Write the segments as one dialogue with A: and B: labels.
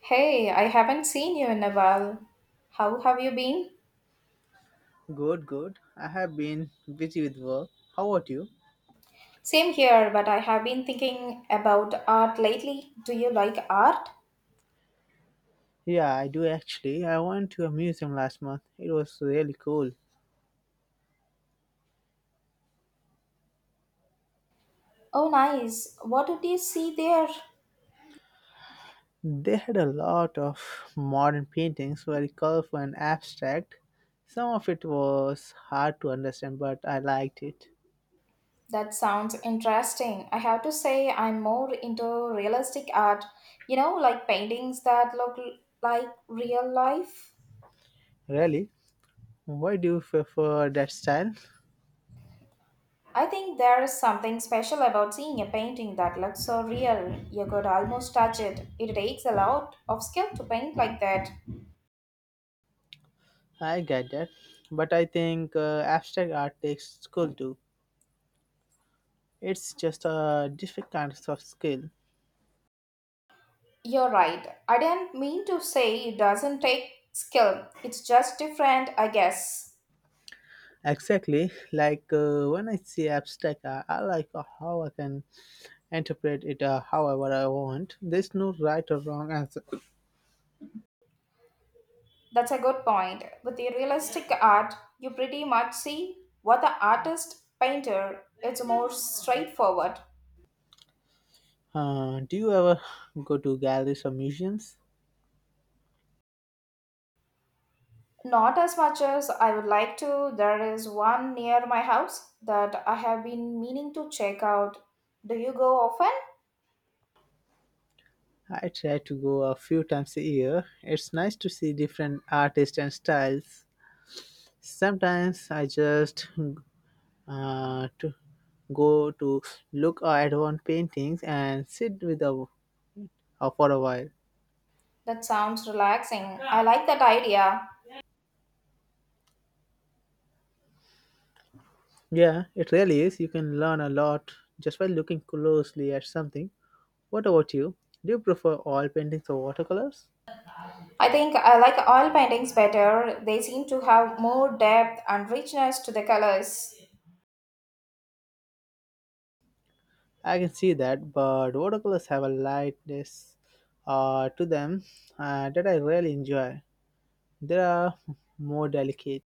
A: Hey, I haven't seen you in a while. How have you been?
B: Good, good. I have been busy with work. How about you?
A: Same here, but I have been thinking about art lately. Do you like art?
B: Yeah, I do actually. I went to a museum last month. It was really cool.
A: Oh, nice. What did you see there?
B: They had a lot of modern paintings, very colorful and abstract. Some of it was hard to understand, but I liked it.
A: That sounds interesting. I have to say, I'm more into realistic art, like paintings that look like real life.
B: Really? Why do you prefer that style?
A: I think there is something special about seeing a painting that looks so real. You could almost touch it. It takes a lot of skill to paint like that.
B: I get that, but I think abstract art takes skill too. It's just a different kind of skill.
A: You're right. I didn't mean to say it doesn't take skill. It's just different, I guess.
B: Exactly. When I see abstract, I like how I can interpret it however I want. There's no right or wrong answer.
A: That's a good point. With the realistic art, you pretty much see what the artist painter. It's more straightforward.
B: Do you ever go to galleries or museums?
A: Not as much as I would like to. There is one near my house that I have been meaning to check out. Do you go often?
B: I try to go a few times a year. It's nice to see different artists and styles. Sometimes I just to go to look at one paintings and sit with for a while.
A: That sounds relaxing. I like that idea.
B: Yeah, it really is. You can learn a lot just by looking closely at something. What about you? Do you prefer oil paintings or watercolors?
A: I think I like oil paintings better. They seem to have more depth and richness to the colors.
B: I can see that, but watercolors have a lightness to them that I really enjoy. They are more delicate.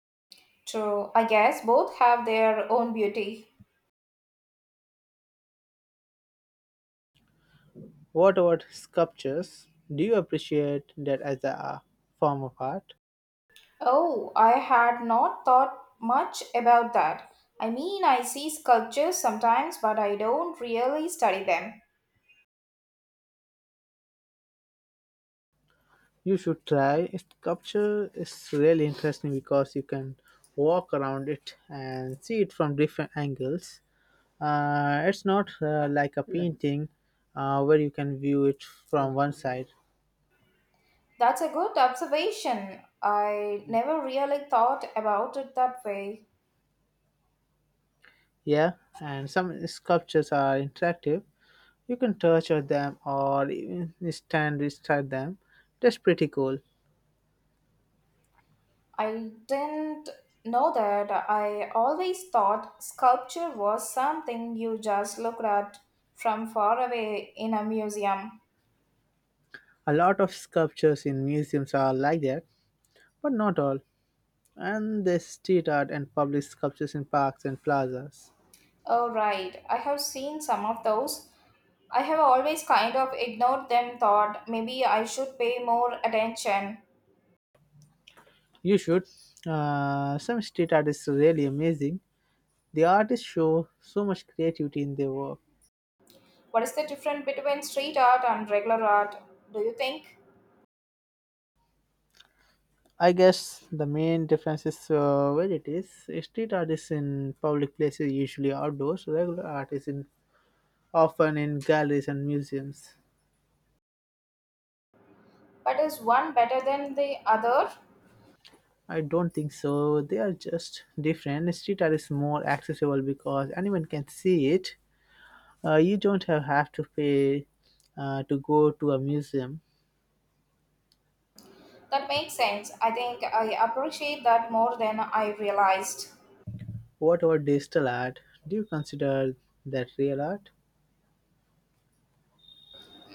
A: True, I guess both have their own beauty.
B: What about sculptures? Do you appreciate that as a form of art?
A: Oh, I had not thought much about that. I mean, I see sculptures sometimes, but I don't really study them.
B: You should try. Sculpture is really interesting because you can walk around it and see it from different angles. It's not like a painting where you can view it from one side.
A: That's a good observation. I never really thought about it that way.
B: Yeah, and some sculptures are interactive. You can touch of them or even stand beside them. That's pretty cool.
A: I didn't know that. I always thought sculpture was something you just looked at from far away in a museum.
B: A lot of sculptures in museums are like that, but not all. And there's street art and public sculptures in parks and plazas.
A: Oh, right. I have seen some of those. I have always kind of ignored them, thought maybe I should pay more attention.
B: You should. Some street art is really amazing. The artists show so much creativity in their work.
A: What is the difference between street art and regular art, do you think?
B: I guess the main difference is where it is. Street art is in public places, usually outdoors. Regular art is in often in galleries and museums.
A: But is one better than the other?
B: I don't think so. They are just different. Street art is more accessible because anyone can see it. You don't have to pay to go to a museum.
A: That makes sense. I think I appreciate that more than I realized.
B: What about digital art? Do you consider that real art?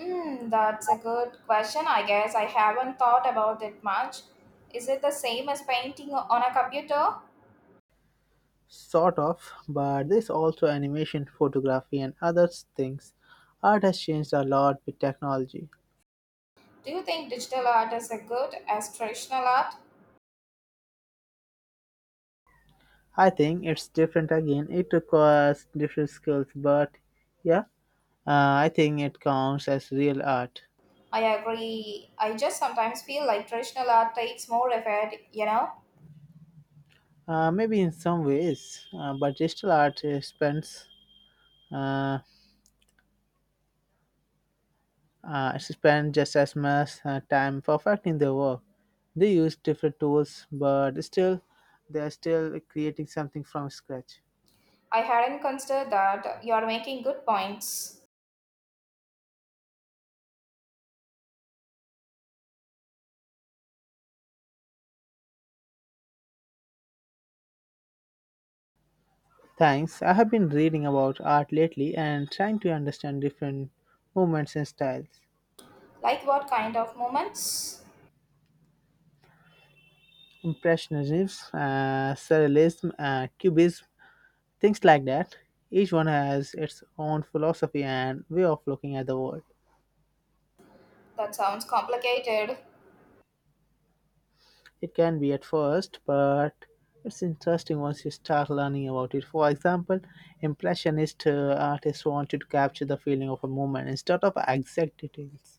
A: Mm, that's a good question. I guess I haven't thought about it much. Is it the same as painting on a computer?
B: Sort of, but there's also animation, photography, and other things. Art has changed a lot with technology.
A: Do you think digital art is as good as traditional art?
B: I think it's different again. It requires different skills, but yeah, I think it counts as real art.
A: I agree. I just sometimes feel like traditional art takes more effort?
B: Maybe in some ways, but digital art uh, spend just as much time perfecting their work. They use different tools, but still, they are still creating something from scratch.
A: I hadn't considered that. You're making good points.
B: Thanks. I have been reading about art lately and trying to understand different movements and styles.
A: Like what kind of moments?
B: Impressionism, Surrealism, Cubism, things like that. Each one has its own philosophy and way of looking at the world.
A: That sounds complicated.
B: It can be at first, but it's interesting once you start learning about it. For example, Impressionist artists wanted to capture the feeling of a moment instead of exact details.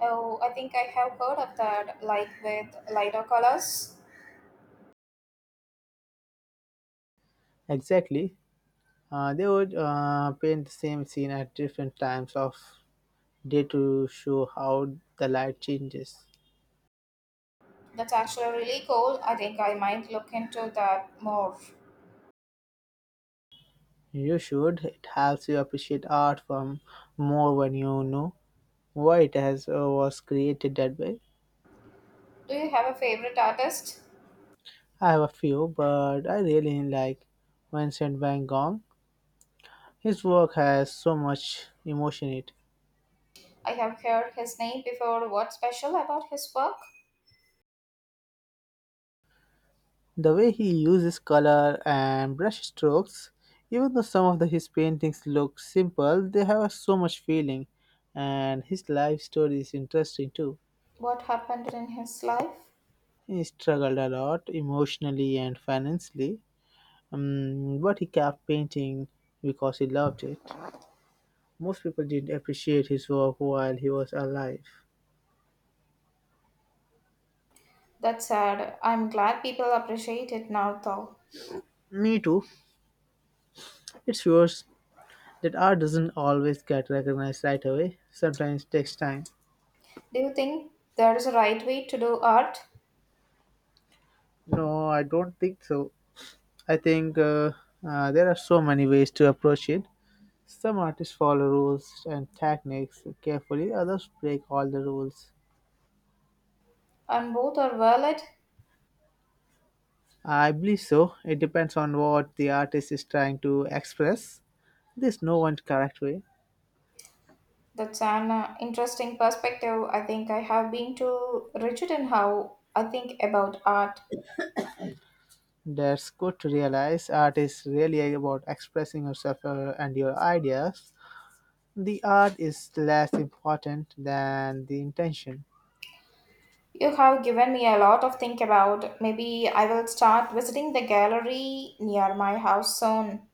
A: Oh, I think I have heard of that, like with lighter colors.
B: Exactly. They would paint the same scene at different times of day to show how the light changes.
A: That's actually really cool. I think I might look into that more.
B: You should. It helps you appreciate art form more when you know why it has was created that way.
A: Do you have a favorite artist?
B: I have a few, but I really like Vincent Van Gogh. His work has so much emotion in it.
A: I have heard his name before. What's special about his work?
B: The way he uses color and brush strokes, even though his paintings look simple, they have so much feeling. And his life story is interesting too.
A: What happened in his life?
B: He struggled a lot emotionally and financially, but he kept painting because he loved it. Most people didn't appreciate his work while he was alive.
A: That's sad. I'm glad people appreciate it now, though.
B: Me too. It shows that art doesn't always get recognized right away. Sometimes it takes time.
A: Do you think there's a right way to do art?
B: No, I don't think so. I think There are so many ways to approach it. Some artists follow rules and techniques carefully, others break all the rules.
A: And both are valid?
B: I believe so. It depends on what the artist is trying to express. There's no one correct way.
A: That's an interesting perspective. I think I have been too rigid in how I think about art.
B: That's good to realize. Art is really about expressing yourself and your ideas. The art is less important than the intention.
A: You have given me a lot of think about. Maybe I will start visiting the gallery near my house soon.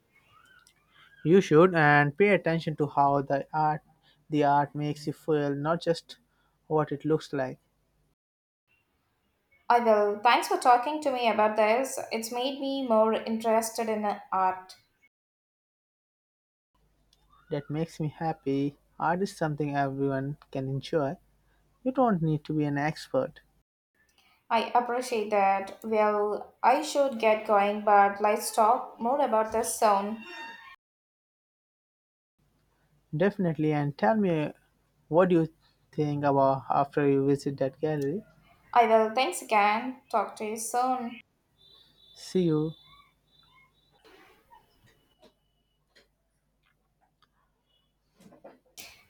B: You should and pay attention to how the art makes you feel, not just what it looks like.
A: I will. Thanks for talking to me about this. It's made me more interested in art.
B: That makes me happy. Art is something everyone can enjoy. You don't need to be an expert.
A: I appreciate that. Well, I should get going, but let's talk more about this soon.
B: Definitely and tell me what you think about after you visit that gallery?
A: I will. Thanks again. Talk to you soon.
B: See you.